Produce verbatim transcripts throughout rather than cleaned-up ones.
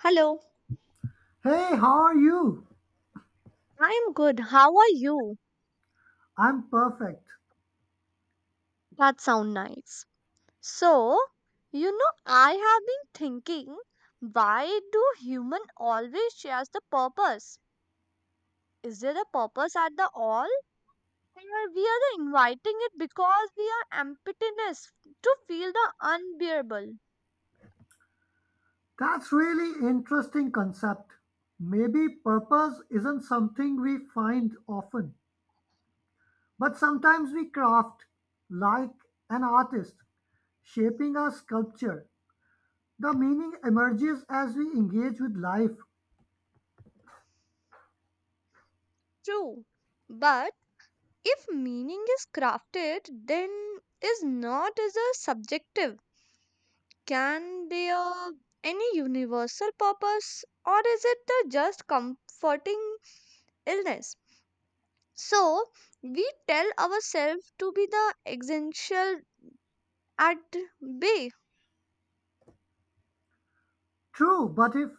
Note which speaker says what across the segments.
Speaker 1: Hello,
Speaker 2: Hey, how are you?
Speaker 1: I'm good. How are you?
Speaker 2: I'm perfect.
Speaker 1: That sounds nice. So, you know, I have been thinking, why do human always shares the purpose? Is there a purpose at the all? Or we are the inviting it because we are emptiness to feel the unbearable.
Speaker 2: That's really interesting concept. Maybe purpose isn't something we find often, but sometimes we craft like an artist shaping a sculpture. The meaning emerges as we engage with life.
Speaker 1: True. But if meaning is crafted, then is not as a subjective Can be a any universal purpose or is it the just comforting illness? So we tell ourselves to be the essential at bay.
Speaker 2: True, but if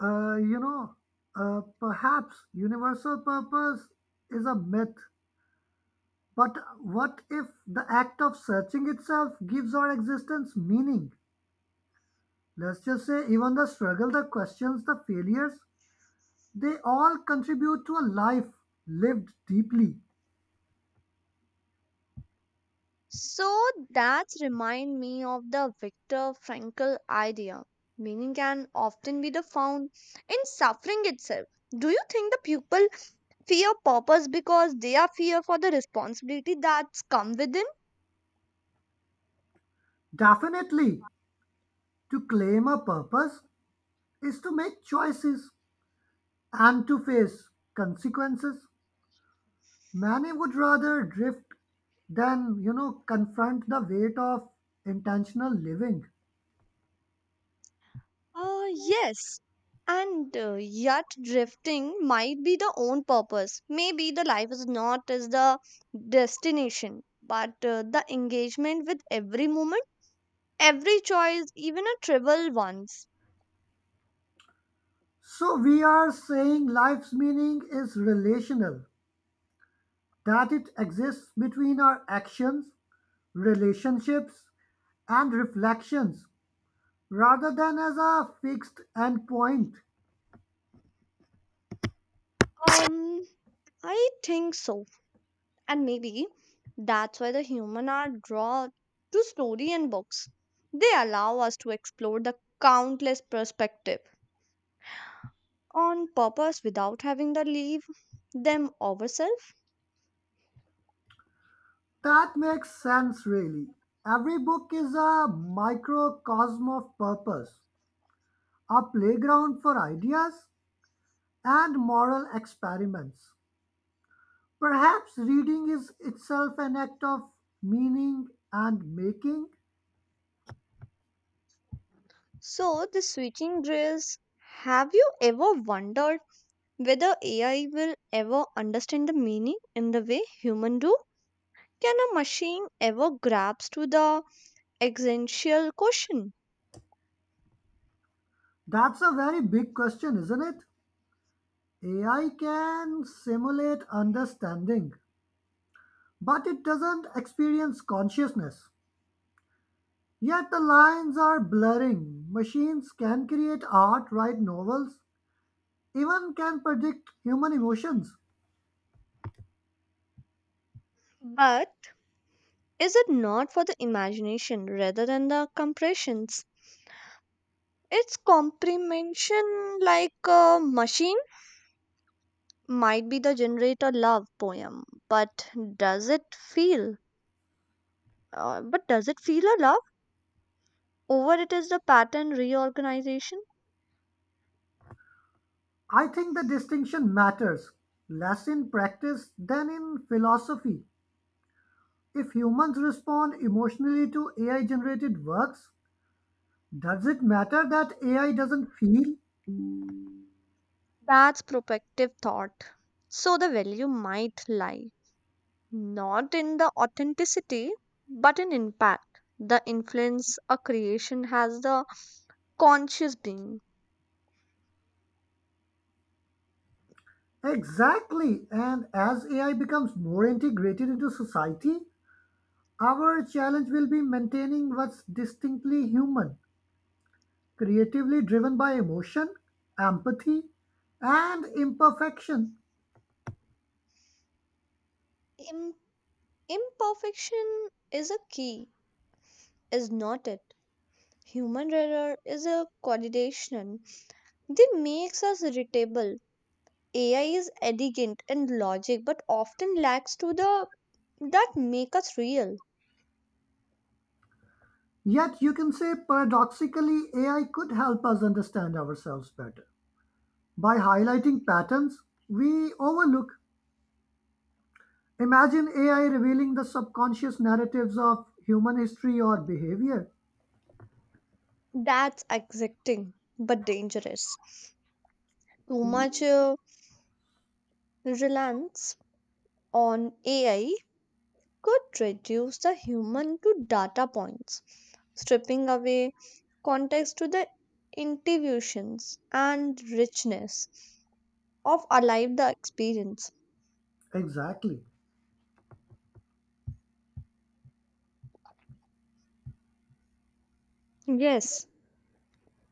Speaker 2: uh, you know, uh, perhaps universal purpose is a myth. But what if the act of searching itself gives our existence meaning? Let's just say, even the struggle, the questions, the failures, they all contribute to a life lived deeply.
Speaker 1: So that's remind me of the Viktor Frankl idea. Meaning can often be the found in suffering itself. Do you think the people fear purpose because they are fear for the responsibility that's come with it?
Speaker 2: Definitely, to claim a purpose is to make choices and to face consequences. Many would rather drift than, you know, confront the weight of intentional living.
Speaker 1: Uh, yes. And uh, yet, drifting might be the own purpose. Maybe the life is not as the destination, but uh, the engagement with every moment, every choice, even a trivial ones.
Speaker 2: So, we are saying life's meaning is relational, that it exists between our actions, relationships, and reflections rather than as a fixed end point.
Speaker 1: Um, I think so. And maybe that's why the human are drawn to story and books. They allow us to explore the countless perspective on purpose without having to leave them ourselves.
Speaker 2: That makes sense, really. Every book is a microcosm of purpose, a playground for ideas and moral experiments. Perhaps reading is itself an act of meaning and making?
Speaker 1: So, the switching drills, have you ever wondered whether A I will ever understand the meaning in the way human do? Can a machine ever grasp to the existential question?
Speaker 2: That's a very big question, isn't it? A I can simulate understanding, but it doesn't experience consciousness. Yet the lines are blurring. Machines can create art, write novels, even can predict human emotions.
Speaker 1: But is it not for the imagination rather than the compressions? Its comprehension like a machine might be the generator love poem, but does it feel? Uh, but does it feel a love? Over it is the pattern reorganization.
Speaker 2: I think the distinction matters less in practice than in philosophy. If humans respond emotionally to A I generated works, does it matter that A I doesn't feel?
Speaker 1: That's protective thought. So the value might lie not in the authenticity but in impact. The influence a creation has the conscious being.
Speaker 2: Exactly. And as A I becomes more integrated into society, our challenge will be maintaining what's distinctly human, creatively driven by emotion, empathy, and imperfection.
Speaker 1: Im- Imperfection is a key, is not it? Human error is a condition. They makes us irritable. A I is elegant in logic but often lacks to the that make us real.
Speaker 2: Yet you can say paradoxically, A I could help us understand ourselves better by highlighting patterns we overlook. Imagine A I revealing the subconscious narratives of human history or behavior.
Speaker 1: That's exacting but dangerous. Too much uh, reliance on A I could reduce the human to data points, stripping away context to the intuitions and richness of alive the experience.
Speaker 2: Exactly.
Speaker 1: Yes,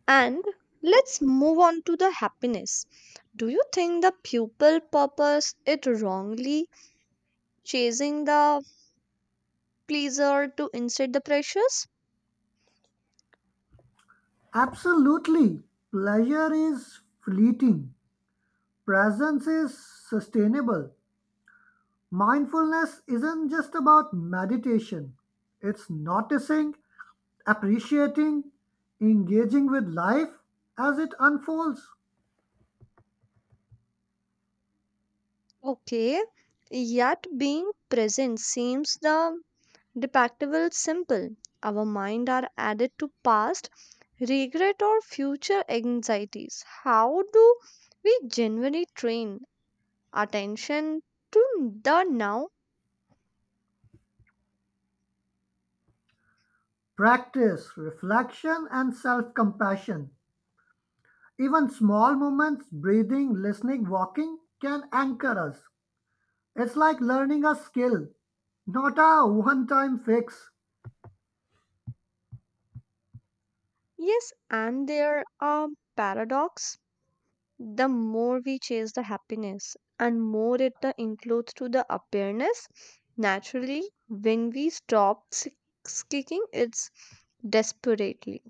Speaker 1: and let's move on to the happiness. Do you think the pupil purpose it wrongly, chasing the pleaser to instead the precious?
Speaker 2: Absolutely. Pleasure is fleeting, presence is sustainable. Mindfulness isn't just about meditation, it's noticing, appreciating, engaging with life as it unfolds.
Speaker 1: Okay, yet being present seems the depict simple. Our mind are added to past regret or future anxieties. How do we genuinely train attention to the now?
Speaker 2: Practice reflection and self compassion. Even small moments, breathing, listening, walking, can anchor us. It's like learning a skill, not a one time fix.
Speaker 1: Yes, and there are paradox. The more we chase the happiness and more it the includes to the awareness naturally when we stop s- seeking it's desperately.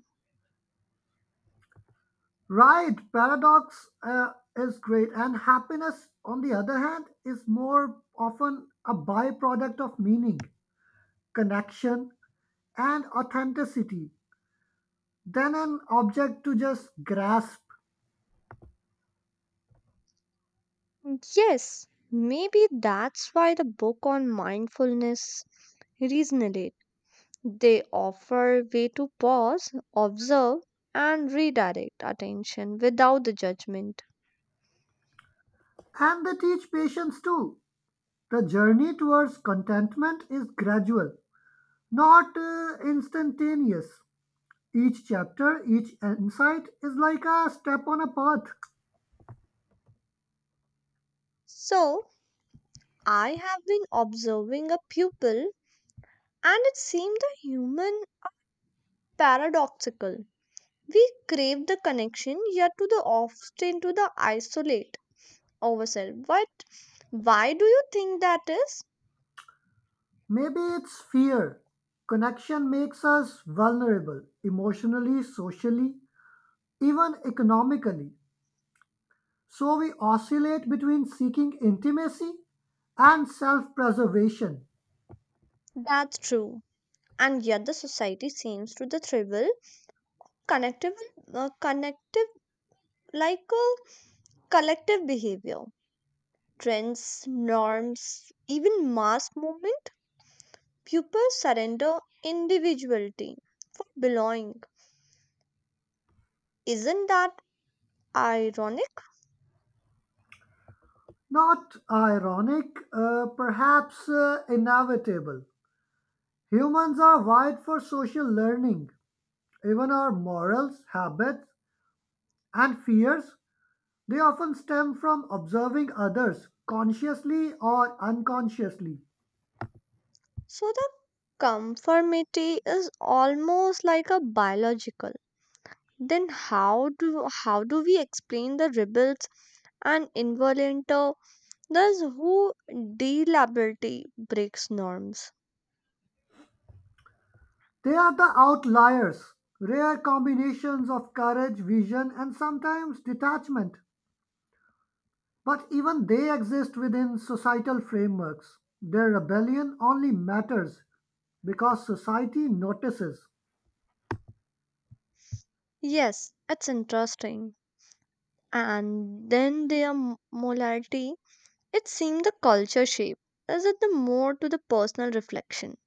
Speaker 2: Right, paradox uh, is great, and happiness, on the other hand, is more often a byproduct of meaning, connection, and authenticity than an object to just grasp.
Speaker 1: Yes, maybe that's why the book on mindfulness resonate. They offer way to pause, observe and redirect attention without the judgment.
Speaker 2: And they teach patience too. The journey towards contentment is gradual, not uh, instantaneous. Each chapter, each insight is like a step on a path.
Speaker 1: So I have been observing a pupil and it seemed a human paradoxical. We crave the connection, yet to the often to the isolate ourselves. What? Why do you think that is?
Speaker 2: Maybe it's fear. Connection makes us vulnerable emotionally, socially, even economically. So we oscillate between seeking intimacy and self preservation.
Speaker 1: That's true. And yet the society seems to the trivial connective, uh, connective like a collective behavior. Trends, norms, even mass movement, pupils surrender individuality, belonging. Isn't that ironic?
Speaker 2: Not ironic, uh, perhaps uh, inevitable. Humans are wired for social learning. Even our morals, habits, and fears, they often stem from observing others consciously or unconsciously.
Speaker 1: So the conformity is almost like a biological. Then how do how do we explain the rebels and involunto those who deliberately breaks norms?
Speaker 2: They are the outliers, rare combinations of courage, vision, and sometimes detachment. But even they exist within societal frameworks. Their rebellion only matters because society notices.
Speaker 1: Yes, it's interesting. And then their m- morality. It seems the culture shape. Is it the more to the personal reflection?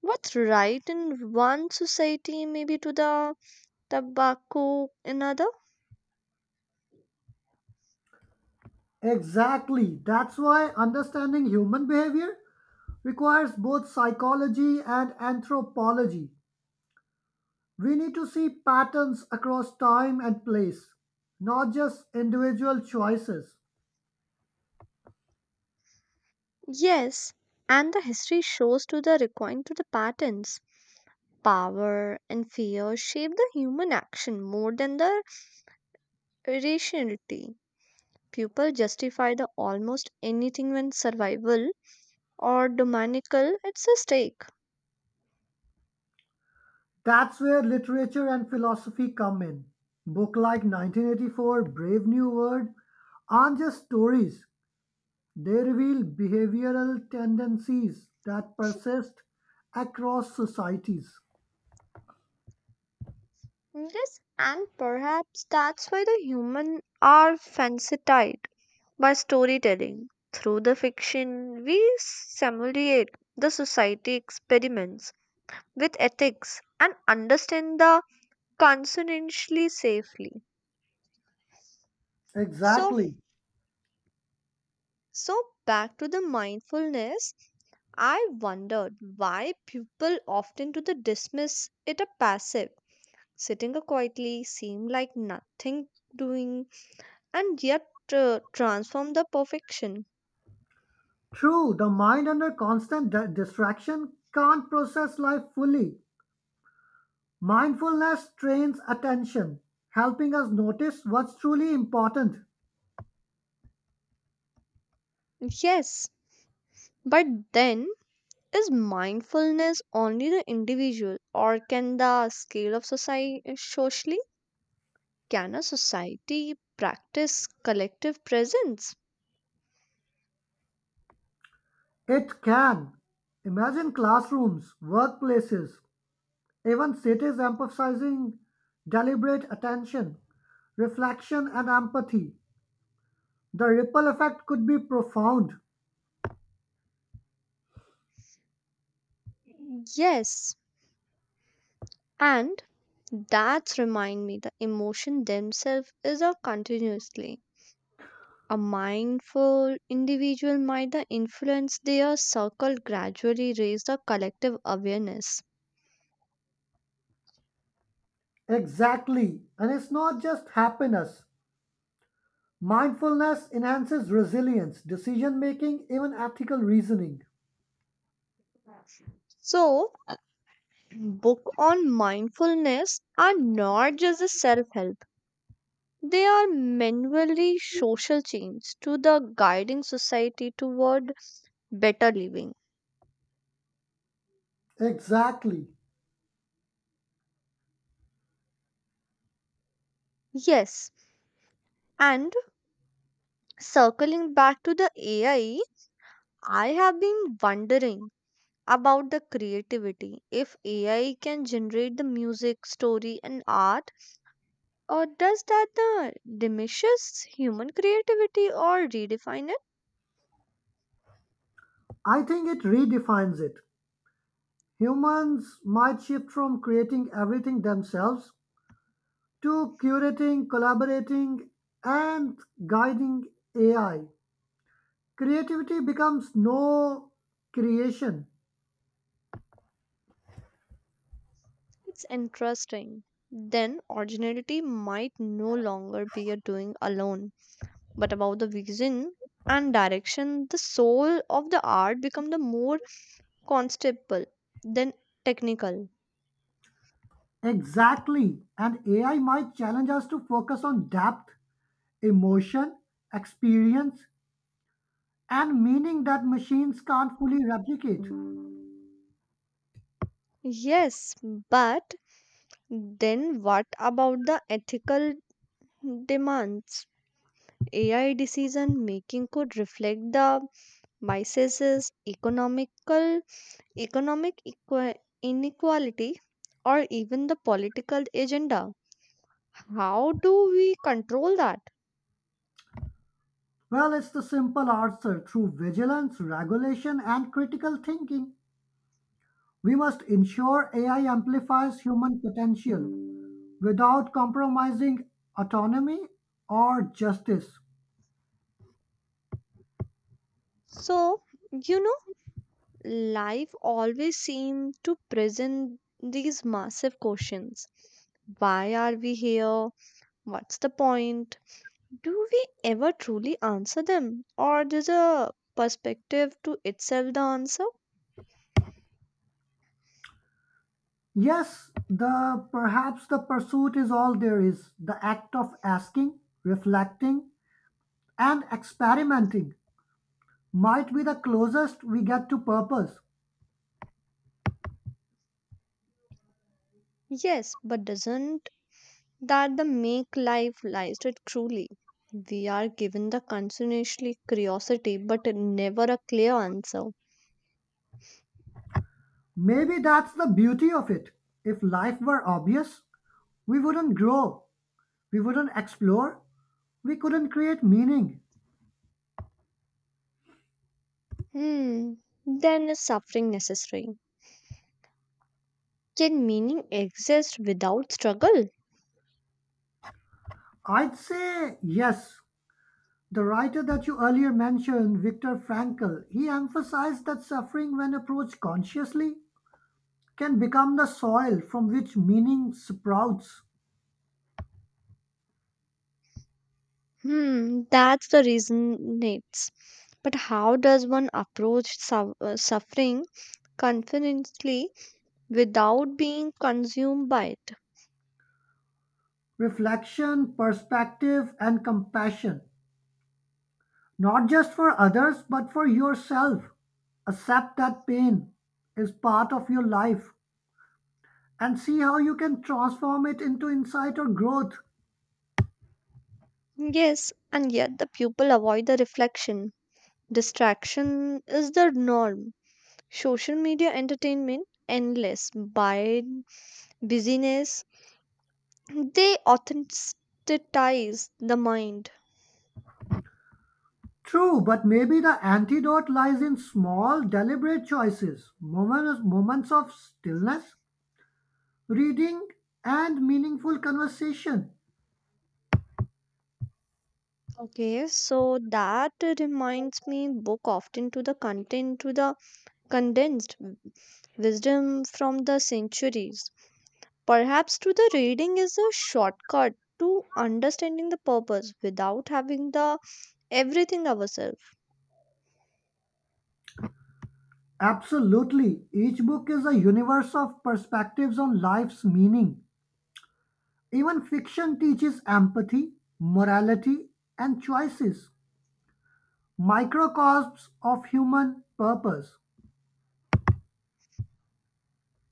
Speaker 1: What's right in one society maybe to the tobacco another?
Speaker 2: Exactly. That's why understanding human behavior requires both psychology and anthropology. We need to see patterns across time and place, not just individual choices.
Speaker 1: Yes, and the history shows to the recoin to the patterns. Power and fear shape the human action more than the rationality. People justify the almost anything when survival or dominical it's a stake.
Speaker 2: That's where literature and philosophy come in. Book like nineteen eighty-four, Brave New World aren't just stories. They reveal behavioral tendencies that persist across societies.
Speaker 1: Yes, and perhaps that's why the human are fancied by storytelling. Through the fiction, we simulate the society experiments with ethics and understand the consonantly safely. So,
Speaker 2: Exactly.
Speaker 1: so back to the mindfulness, I wondered why people often to the dismiss it a passive, sitting a quietly, seem like nothing doing, and yet uh, transform the perfection.
Speaker 2: True, the mind under constant di- distraction can't process life fully. Mindfulness trains attention, helping us notice what's truly important.
Speaker 1: Yes, but then is mindfulness only the individual, or can the scale of society socially? Can a society practice collective presence?
Speaker 2: It can. Imagine classrooms, workplaces, even cities emphasizing deliberate attention, reflection, and empathy. The ripple effect could be profound.
Speaker 1: Yes, and that's remind me the emotion themselves is a continuously. A mindful individual might the influence their circle gradually raise the collective awareness.
Speaker 2: Exactly. And it's not just happiness. Mindfulness enhances resilience, decision making, even ethical reasoning.
Speaker 1: So book on mindfulness are not just a self-help. They are manually social change to the guiding society toward better living.
Speaker 2: Exactly.
Speaker 1: Yes, and circling back to the A I, I have been wondering about the creativity. If A I can generate the music, story, and art, or does that uh, diminishes human creativity or redefine it?
Speaker 2: I think it redefines it. Humans might shift from creating everything themselves to curating, collaborating, and guiding A I. Creativity becomes no creation.
Speaker 1: It's interesting. Then originality might no longer be a doing alone, but about the vision and direction. The soul of the art become the more constable than technical.
Speaker 2: Exactly. And A I might challenge us to focus on depth, emotion, experience, and meaning that machines can't fully replicate.
Speaker 1: Yes, but then what about the ethical demands? A I decision making could reflect the biases, economical, economic equa- inequality, or even the political agenda. How do we control that?
Speaker 2: Well, it's the simple answer through vigilance, regulation, and critical thinking. We must ensure A I amplifies human potential without compromising autonomy or justice.
Speaker 1: So, you know, life always seems to present these massive questions. Why are we here? What's the point? Do we ever truly answer them, or does a perspective to itself the answer?
Speaker 2: Yes, the perhaps the pursuit is all there is. The act of asking, reflecting, and experimenting might be the closest we get to purpose.
Speaker 1: Yes, but doesn't that the make life lies to it truly? We are given the continuously curiosity, but never a clear answer.
Speaker 2: Maybe that's the beauty of it. If life were obvious, we wouldn't grow, we wouldn't explore, we couldn't create meaning.
Speaker 1: Hmm. Then is suffering necessary? Can meaning exist without struggle?
Speaker 2: I'd say yes. The writer that you earlier mentioned, Viktor Frankl, he emphasized that suffering, when approached consciously, can become the soil from which meaning sprouts.
Speaker 1: Hmm. That's the reason it's. But how does one approach su- uh, suffering confidently without being consumed by it.
Speaker 2: Reflection, perspective, and compassion, not just for others, but for yourself. Accept that pain is part of your life and see how you can transform it into insight or growth.
Speaker 1: Yes, and yet the people avoid the reflection. Distraction is the norm. Social media entertainment, endless by busyness, they authenticize the mind.
Speaker 2: True, but maybe the antidote lies in small, deliberate choices, moments, moments of stillness, reading, and meaningful conversation.
Speaker 1: Okay, so that reminds me book often to the content to the condensed wisdom from the centuries. Perhaps to the reading is a shortcut to understanding the purpose without having the everything ourselves.
Speaker 2: Absolutely. Each book is a universe of perspectives on life's meaning. Even fiction teaches empathy, morality, and choices, microcosms of human purpose.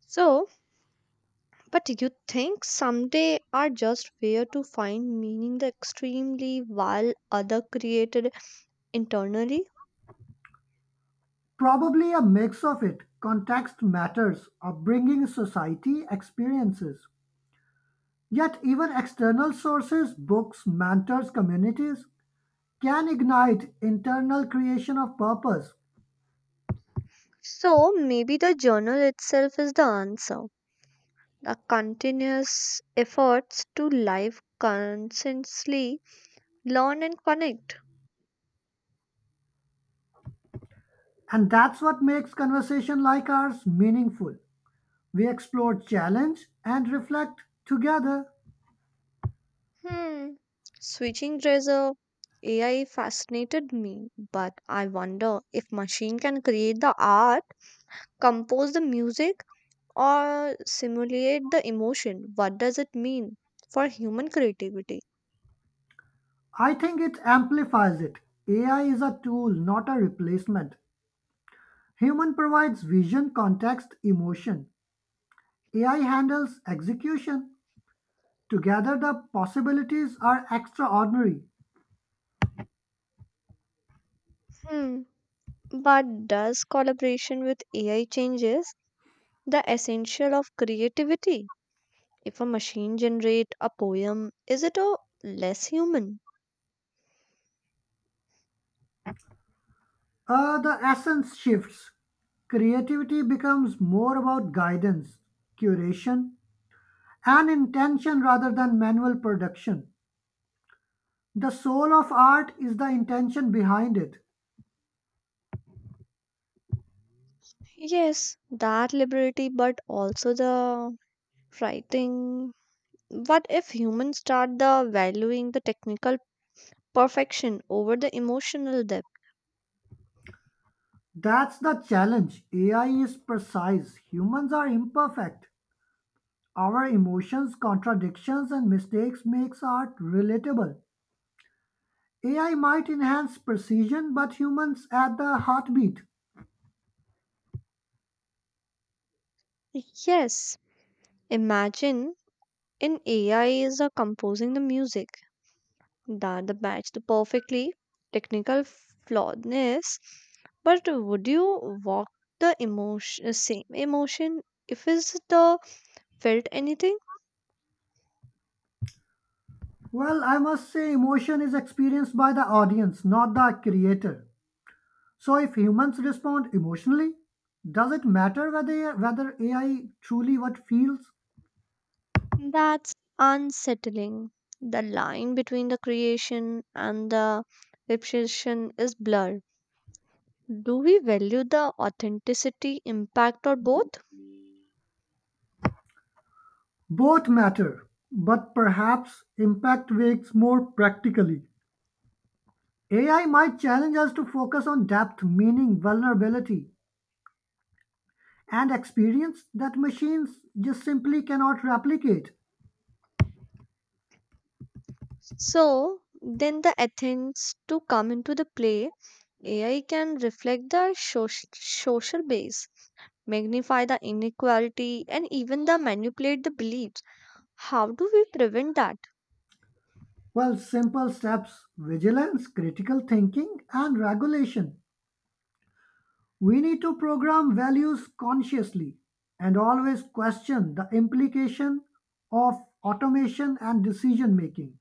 Speaker 1: So, but you think someday are just where to find meaning the extremely while other created internally?
Speaker 2: Probably a mix of it. Context matters, upbringing, society, experiences. Yet, even external sources, books, mentors, communities, can ignite internal creation of purpose.
Speaker 1: So maybe the journal itself is the answer. The continuous efforts to life consciously learn and connect.
Speaker 2: And that's what makes conversation like ours meaningful. We explore challenge and reflect together.
Speaker 1: Hmm. Switching razor A I fascinated me, but I wonder if machine can create the art, compose the music, or simulate the emotion. What does it mean for human creativity?
Speaker 2: I think it amplifies it. A I is a tool, not a replacement. Human provides vision, context, emotion. A I handles execution. Together, the possibilities are extraordinary.
Speaker 1: Hmm. But does collaboration with A I changes the essential of creativity? If a machine generate a poem, is it a less human?
Speaker 2: Uh, the essence shifts. Creativity becomes more about guidance, curation, and intention rather than manual production. The soul of art is the intention behind it.
Speaker 1: Yes, that liberty, but also the writing. What if humans start the valuing the technical perfection over the emotional depth?
Speaker 2: That's the challenge. A I is precise. Humans are imperfect. Our emotions, contradictions, and mistakes makes art relatable. A I might enhance precision, but humans at the heartbeat.
Speaker 1: Yes, imagine an A I is uh, composing the music that the match the perfectly technical flawedness, but would you walk the emotion uh, same emotion if is the felt anything?
Speaker 2: Well, I must say emotion is experienced by the audience, not the creator. So if humans respond emotionally, does it matter whether whether A I truly what feels?
Speaker 1: That's unsettling. The line between the creation and the repetition is blurred. Do we value the authenticity impact or both?
Speaker 2: Both matter, but perhaps impact weighs more practically. A I might challenge us to focus on depth, meaning, vulnerability, and experience that machines just simply cannot replicate.
Speaker 1: So then the Athens to come into the play, A I can reflect the soc- social base, magnify the inequality, and even the manipulate the beliefs. How do we prevent that?
Speaker 2: Well, simple steps vigilance, critical thinking, and regulation. We need to program values consciously and always question the implication of automation and decision making.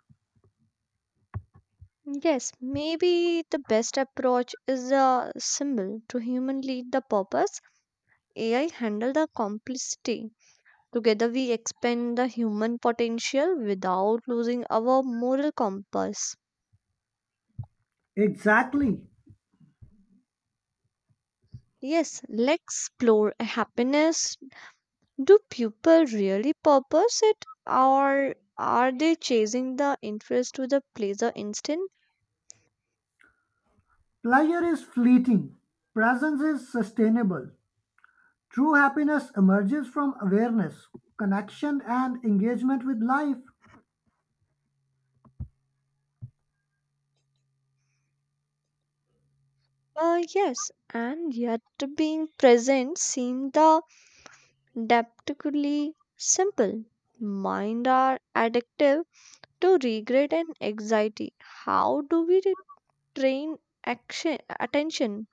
Speaker 1: Yes, maybe the best approach is a symbol to human lead the purpose. A I handle the complicity. Together, we expand the human potential without losing our moral compass.
Speaker 2: Exactly.
Speaker 1: Yes, let's explore happiness. Do people really purpose it, or are they chasing the interest to the pleasure instinct?
Speaker 2: Pleasure is fleeting, presence is sustainable. True happiness emerges from awareness, connection, and engagement with life.
Speaker 1: Uh, yes, and yet being present seems the deceptively simple. Mind are addictive to regret and anxiety. How do we re- train action attention?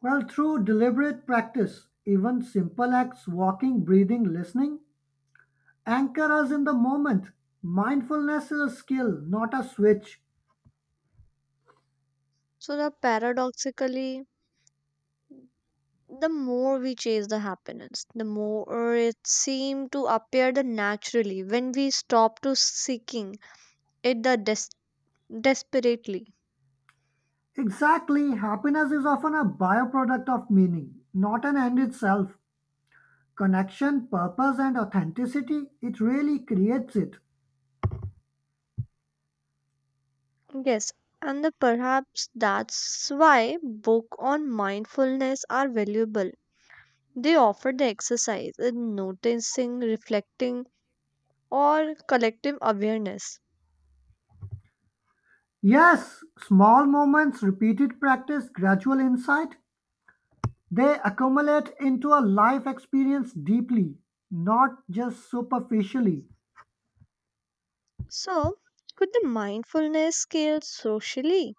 Speaker 2: Well, through deliberate practice, even simple acts, walking, breathing, listening, anchor us in the moment. Mindfulness is a skill, not a switch.
Speaker 1: So the paradoxically, the more we chase the happiness, the more it seems to appear the naturally when we stop to seeking it the des- desperately.
Speaker 2: Exactly, happiness is often a byproduct of meaning, not an end itself. Connection, purpose, and authenticity, it really creates it.
Speaker 1: Yes, and the perhaps that's why book on mindfulness are valuable. They offer the exercise in noticing, reflecting, or collective awareness.
Speaker 2: Yes, small moments, repeated practice, gradual insight, they accumulate into a life experience deeply, not just superficially.
Speaker 1: So, could the mindfulness scale socially?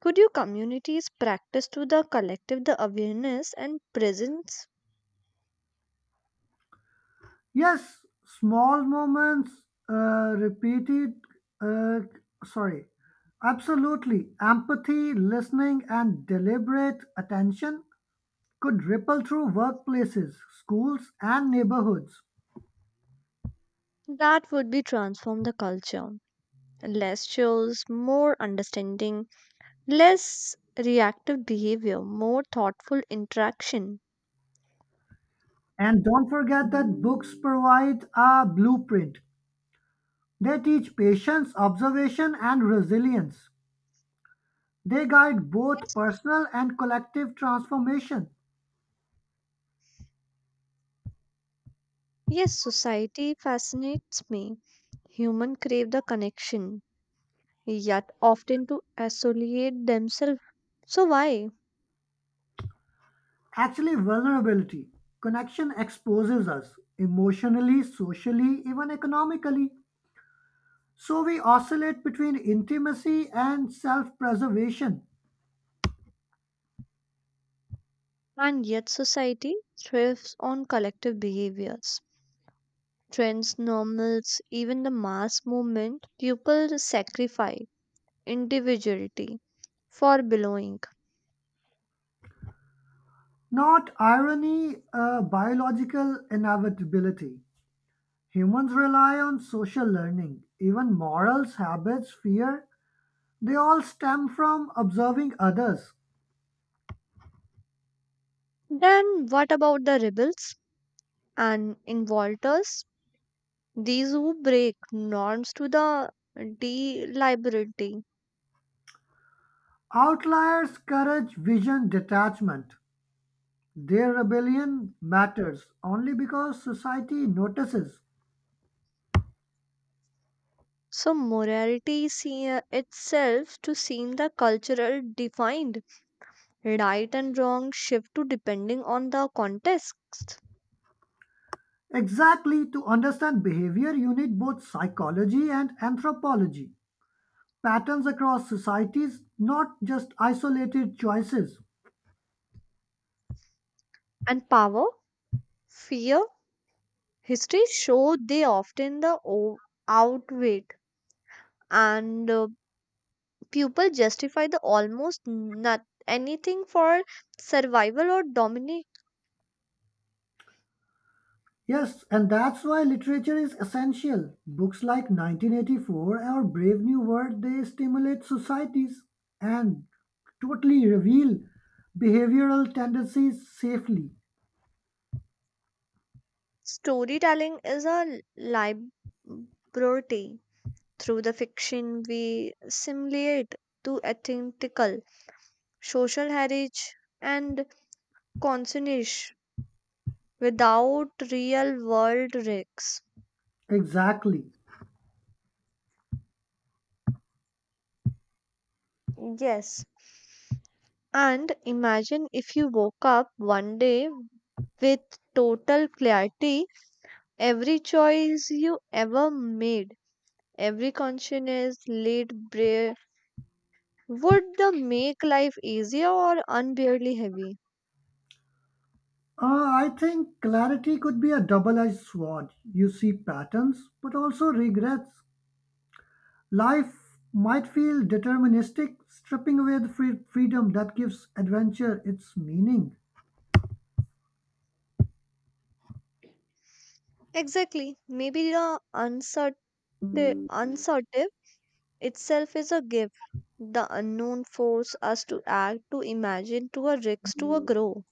Speaker 1: Could you communities practice to the collective the awareness and presence
Speaker 2: Yes, small moments, uh, repeated, uh, sorry, absolutely. Empathy, listening, and deliberate attention could ripple through workplaces, schools, and neighborhoods.
Speaker 1: that would be transform the culture? Less shows, more understanding, less reactive behavior, more thoughtful interaction.
Speaker 2: And don't forget that books provide a blueprint. They teach patience, observation, and resilience. They guide both
Speaker 1: Yes,
Speaker 2: personal and collective transformation.
Speaker 1: yes society fascinates me. Human crave the connection, yet often to isolate themselves. So why?
Speaker 2: Actually, vulnerability. Connection exposes us emotionally, socially, even economically. So we oscillate between intimacy and self preservation.
Speaker 1: And yet society thrives on collective behaviors trends, normals, even the mass movement, people sacrifice individuality for belonging.
Speaker 2: Not irony, uh, biological inevitability. Humans rely on social learning, even morals, habits, fear, they all stem from observing others.
Speaker 1: Then what about the rebels and involters? These who break norms to the deliberately.
Speaker 2: Outliers, courage, vision, detachment. Their rebellion matters only because society notices.
Speaker 1: So morality see uh, itself to seem the cultural defined right and wrong shift to depending on the context
Speaker 2: Exactly, to understand behavior, you need both psychology and anthropology. Patterns across societies, not just isolated choices.
Speaker 1: and power, fear. History show they often the o- outwit and uh, people justify the almost not anything for survival or dominate.
Speaker 2: Yes, and that's why literature is essential. Books like nineteen eighty-four or Brave New World, they stimulate societies and totally reveal behavioral tendencies safely.
Speaker 1: Storytelling is a liberty. Through the fiction, we simulate to authentical social heritage and consonance without real world risks.
Speaker 2: Exactly.
Speaker 1: Yes, and imagine if you woke up one day with total clarity every choice you ever made, every conscious late prayer. Would the make life easier or unbearably heavy?
Speaker 2: Uh, I think clarity could be a double edged sword. You see patterns, but also regrets. Life might feel deterministic, stripping away the free- freedom that gives adventure its meaning.
Speaker 1: Exactly. Maybe the uncertain uncertain itself is a gift. The unknown force us to act, to imagine, to a risk, to a grow.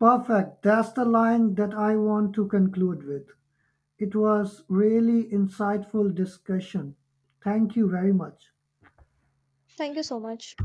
Speaker 2: Perfect. That's the line that I want to conclude with. It was really insightful discussion. Thank you very much.
Speaker 1: Thank you so much.